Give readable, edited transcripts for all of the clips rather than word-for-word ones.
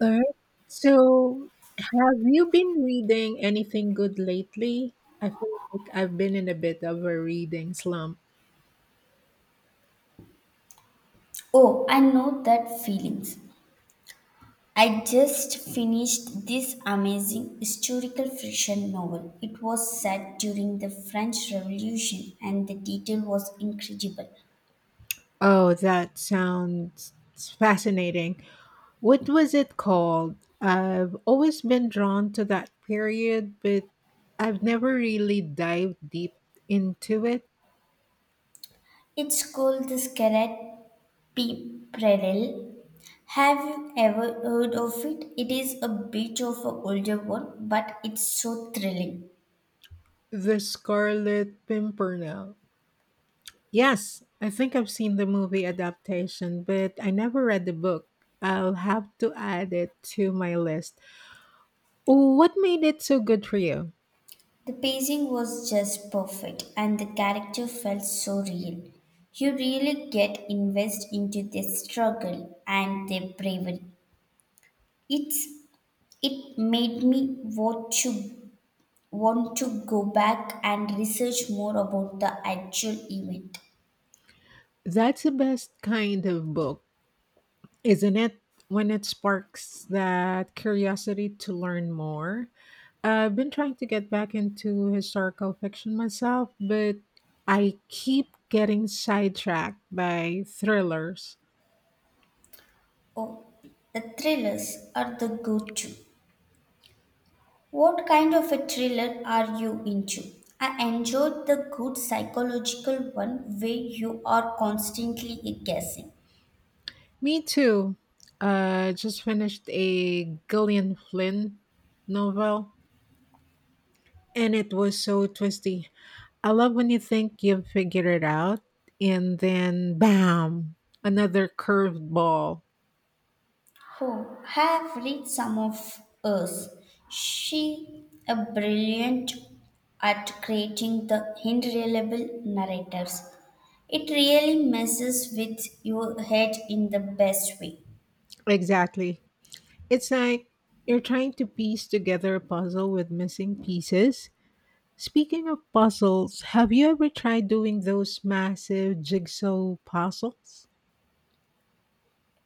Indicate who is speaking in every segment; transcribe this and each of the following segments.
Speaker 1: All right. So, have you been reading anything good lately? I feel like I've been in a bit of a reading slump.
Speaker 2: Oh, I know that feelings. I just finished this amazing historical fiction novel. It was set during the French Revolution and the detail was incredible.
Speaker 1: Oh, that sounds fascinating. What was it called? I've always been drawn to that period, but I've never really dived deep into it.
Speaker 2: It's called The Scarlet Pimpernel. Have you ever heard of it? It is a bit of an older one, but it's so thrilling.
Speaker 1: The Scarlet Pimpernel. Yes, I think I've seen the movie adaptation, but I never read the book. I'll have to add it to my list. What made it so good for you?
Speaker 2: The pacing was just perfect and the character felt so real. You really get invested into their struggle and their bravery. It's it made me want to go back and research more about the actual event.
Speaker 1: That's the best kind of book, isn't it? When it sparks that curiosity to learn more. I've been trying to get back into historical fiction myself, but I keep getting sidetracked by thrillers.
Speaker 2: Oh, the thrillers are the good too. What kind of a thriller are you into? I enjoyed the good psychological one where you are constantly guessing.
Speaker 1: Me too. Just finished a Gillian Flynn novel, and it was so twisty. I love when you think you've figured it out, and then bam, another curved ball.
Speaker 2: Who have read some of us. She a brilliant at creating the unreliable narratives. It really messes with your head in the best way.
Speaker 1: Exactly. It's like you're trying to piece together a puzzle with missing pieces. Speaking of puzzles, have you ever tried doing those massive jigsaw puzzles?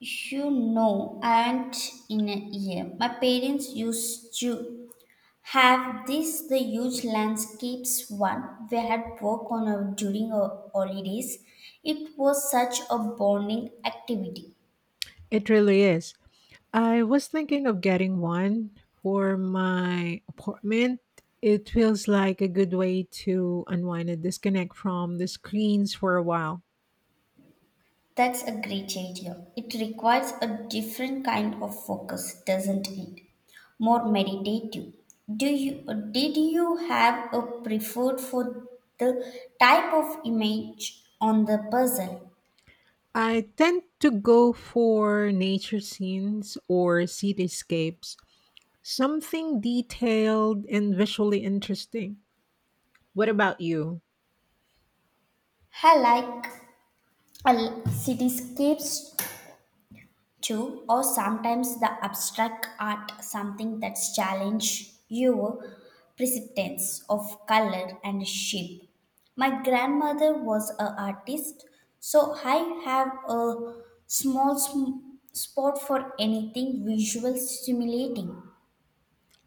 Speaker 2: You know, and in a year, my parents used to have this the huge landscapes one we had work on our, during our holidays. It was such a bonding activity.
Speaker 1: It really is. I was thinking of getting one for my apartment. It feels like a good way to unwind and disconnect from the screens for a while.
Speaker 2: That's a great idea. It requires a different kind of focus, doesn't it? More meditative. Do you did you have a preferred for the type of image on the puzzle?
Speaker 1: I tend to go for nature scenes or cityscapes, something detailed and visually interesting. What about you?
Speaker 2: I like cityscapes too, or sometimes the abstract art, something that's challenge your perceptions of color and shape. My grandmother was an artist, so I have a small spot for anything visual stimulating.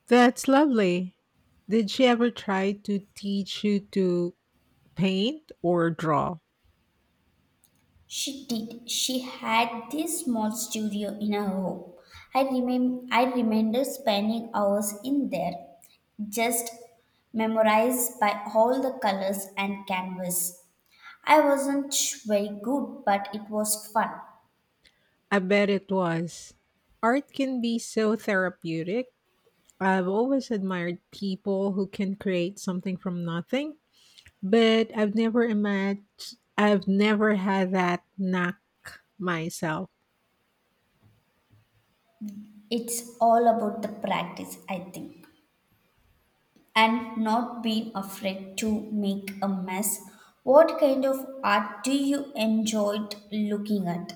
Speaker 1: That's lovely. Did she ever try to teach you to paint or draw?
Speaker 2: She did. She had this small studio in her home. I remember spending hours in there, just memorized by all the colors and canvas. I wasn't very good, but it was fun.
Speaker 1: I bet it was. Art can be so therapeutic. I've always admired people who can create something from nothing, but I've never had that knack myself.
Speaker 2: It's all about the practice, I think, and not being afraid to make a mess. What kind of art do you enjoy looking at?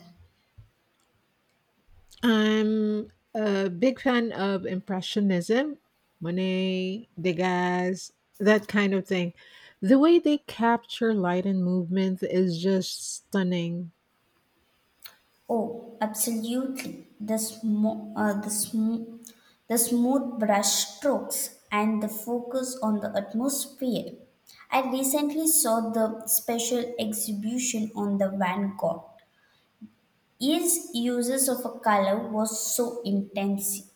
Speaker 1: I'm a big fan of Impressionism, Monet, Degas, that kind of thing. The way they capture light and movement is just stunning.
Speaker 2: Oh, absolutely. The smooth brush strokes and the focus on the atmosphere. I recently saw the special exhibition on the Van Gogh. His uses of a color was so intense.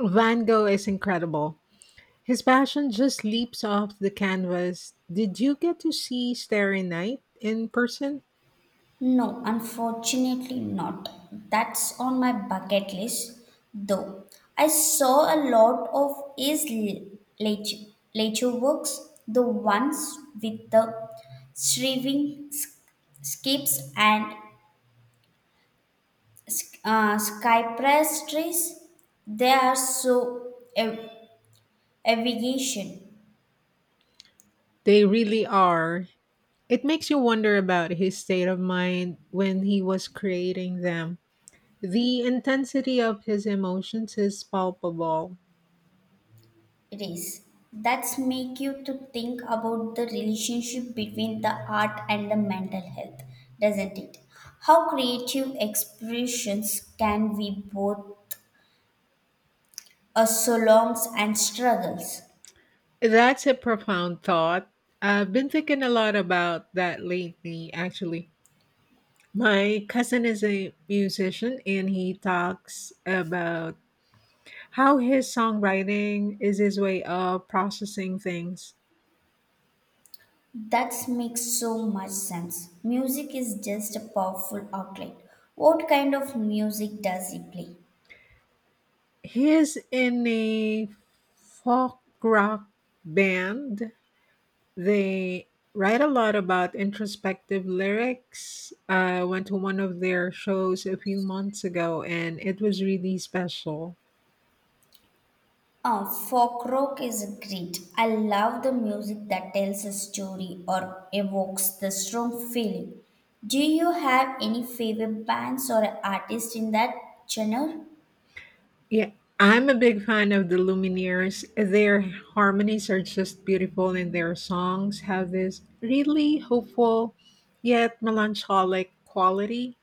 Speaker 1: Van Gogh is incredible. His passion just leaps off the canvas. Did you get to see Starry Night in person?
Speaker 2: No, unfortunately not. That's on my bucket list, though. I saw a lot of his later, later works, the ones with the shriving s- skips and cypress trees. They are so aviation.
Speaker 1: They really are. It makes you wonder about his state of mind when he was creating them. The intensity of his emotions is palpable.
Speaker 2: It is. That's make you to think about the relationship between the art and the mental health, doesn't it? How creative expressions can be both a solongs and struggles.
Speaker 1: That's a profound thought. I've been thinking a lot about that lately, actually. My cousin is a musician and he talks about how his songwriting is his way of processing things.
Speaker 2: That makes so much sense. Music is just a powerful outlet. What kind of music does he play?
Speaker 1: He is in a folk rock band. They write a lot about introspective lyrics. I went to one of their shows a few months ago and it was really special.
Speaker 2: Ah, folk rock is great. I love the music that tells a story or evokes the strong feeling. Do you have any favorite bands or artists in that genre?
Speaker 1: Yeah, I'm a big fan of the Lumineers. Their harmonies are just beautiful, and their songs have this really hopeful yet melancholic quality.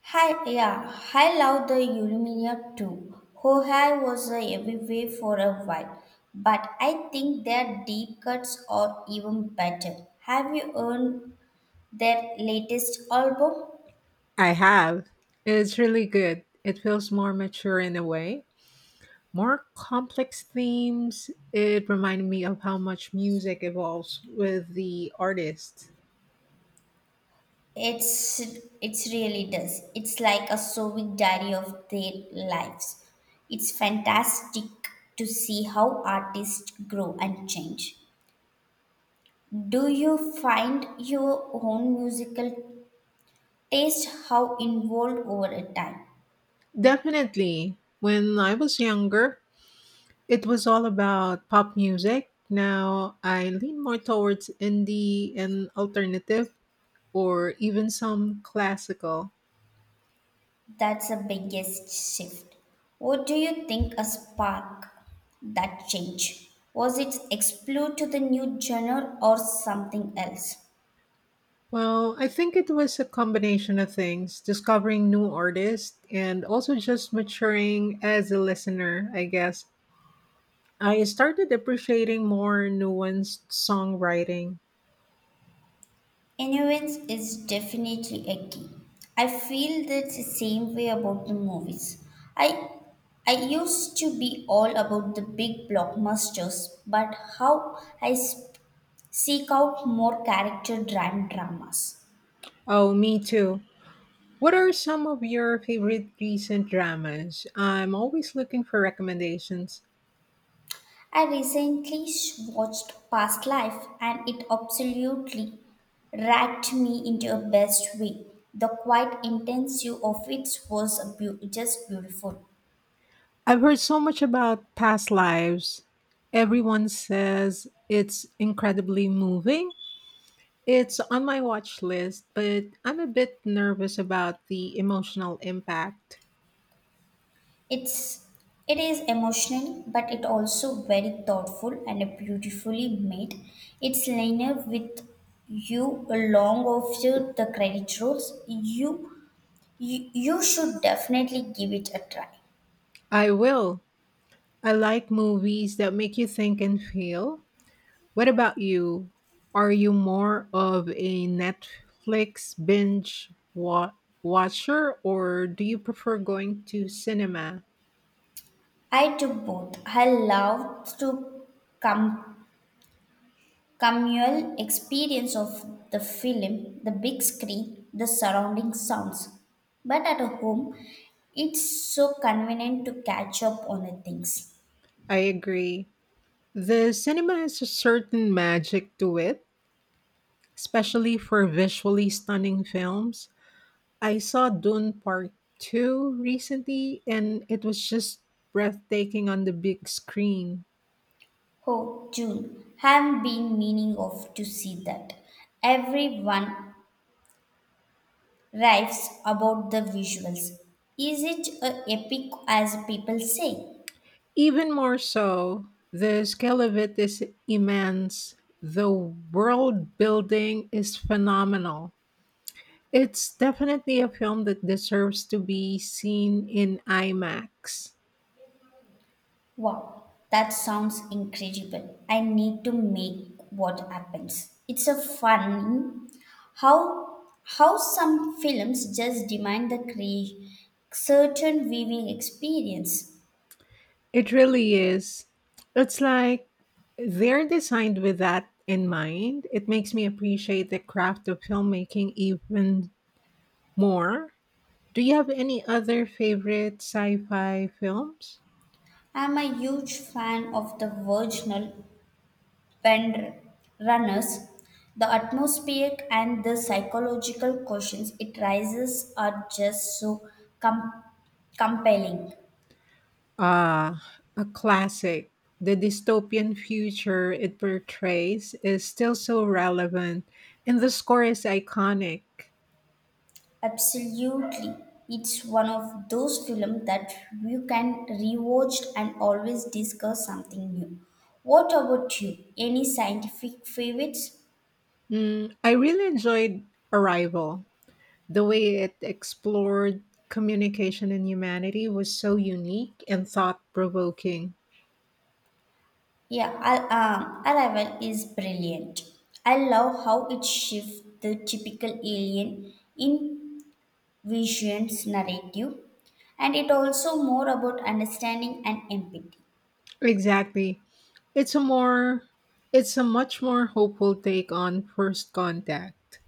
Speaker 2: Hi, yeah, I love the Illumina too. Hohai was a everywhere for a while, but I think their deep cuts are even better. Have you earned their latest album?
Speaker 1: I have. It's really good. It feels more mature in a way. More complex themes, it reminded me of how much music evolves with the artist.
Speaker 2: It's it's really does. It's like a sewing diary of their lives. It's fantastic to see how artists grow and change. Do you find your own musical taste how involved over a time?
Speaker 1: Definitely. When I was younger, it was all about pop music. Now I lean more towards indie and alternative, or even some classical.
Speaker 2: That's the biggest shift. What do you think a spark that change? Was it explore to the new genre or something else?
Speaker 1: Well, I think it was a combination of things discovering new artists and also just maturing as a listener, I guess. I started appreciating more nuanced songwriting.
Speaker 2: Innocence is definitely a key. I feel that the same way about the movies. I I used to be all about the big blockbusters, but how I seek out more character-driven dramas.
Speaker 1: Oh, me too. What are some of your favorite recent dramas? I'm always looking for recommendations.
Speaker 2: I recently watched Past Life, and it absolutely racked me into a best way. The quite intense view of it was a just beautiful.
Speaker 1: I've heard so much about past lives. Everyone says it's incredibly moving. It's on my watch list, but I'm a bit nervous about the emotional impact.
Speaker 2: It's it is emotional, but it also very thoughtful and beautifully made. It's linear with you along of you the credit rolls. You should definitely give it a try.
Speaker 1: I will. I like movies that make you think and feel. What about you? Are you more of a Netflix watcher or do you prefer going to cinema?
Speaker 2: I took both. I loved to come communal experience of the film, the big screen, the surrounding sounds. But at home, it's so convenient to catch up on the things.
Speaker 1: I agree. The cinema has a certain magic to it, especially for visually stunning films. I saw Dune Part 2 recently and it was just breathtaking on the big screen.
Speaker 2: Oh, June, have been meaning of to see that. Everyone raves about the visuals. Is it a epic as people say?
Speaker 1: Even more so, the scale of it is immense. The world building is phenomenal. It's definitely a film that deserves to be seen in IMAX.
Speaker 2: Wow, that sounds incredible. I need to make what happens. It's a fun how how some films just demand the certain viewing experience.
Speaker 1: It really is. It's like they're designed with that in mind. It makes me appreciate the craft of filmmaking even more. Do you have any other favorite sci-fi films?
Speaker 2: I'm a huge fan of the original when runners, the atmospheric and the psychological questions it raises are just so com- compelling.
Speaker 1: Uh, a classic. The dystopian future it portrays is still so relevant, and the score is iconic.
Speaker 2: Absolutely. It's one of those films that you can rewatch and always discover something new. What about you? Any scientific favorites?
Speaker 1: I really enjoyed Arrival. The way it explored communication and humanity was so unique and thought-provoking.
Speaker 2: Yeah, Arrival is brilliant. I love how it shifts the typical alien in vision's narrative and it also more about understanding and empathy.
Speaker 1: Exactly. It's a more it's a much more hopeful take on first contact.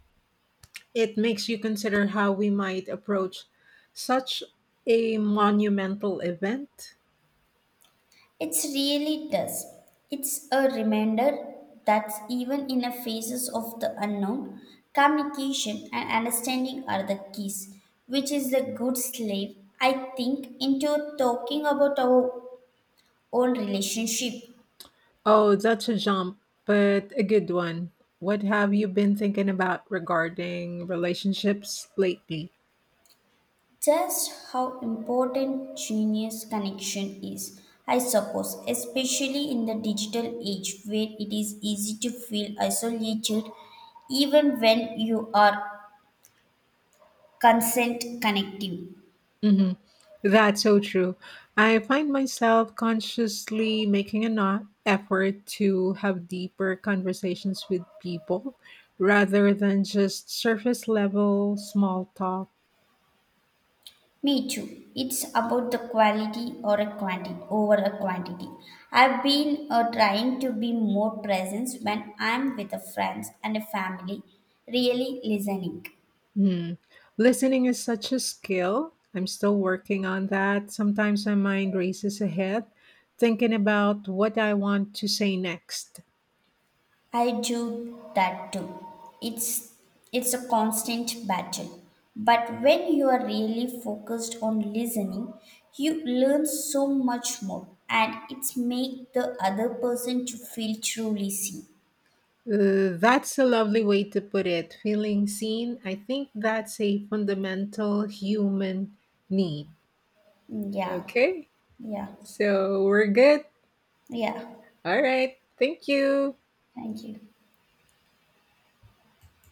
Speaker 1: It makes you consider how we might approach such a monumental event.
Speaker 2: It really does. It's a reminder that even in the phases of the unknown, communication and understanding are the keys, which is the good slave I think into talking about our own relationship.
Speaker 1: Oh, that's a jump, but a good one. What have you been thinking about regarding relationships lately?
Speaker 2: Just how important genius connection is, I suppose, especially in the digital age where it is easy to feel isolated even when you are consent connective.
Speaker 1: Hmm. That's so true. I find myself consciously making effort to have deeper conversations with people rather than just surface level small talk.
Speaker 2: Me too. It's about the quality or a quantity over a quantity. I've been trying to be more present when I'm with a friends and a family, really listening.
Speaker 1: Hmm. Listening is such a skill. I'm still working on that. Sometimes my mind races ahead, thinking about what I want to say next.
Speaker 2: I do that too. It's it's a constant battle. But when you are really focused on listening, you learn so much more and it's make the other person to feel truly seen.
Speaker 1: That's a lovely way to put it. Feeling seen. I think that's a fundamental human need.
Speaker 2: Yeah.
Speaker 1: Okay,
Speaker 2: Yeah.
Speaker 1: so we're good.
Speaker 2: Yeah.
Speaker 1: All right. Thank you.
Speaker 2: Thank you.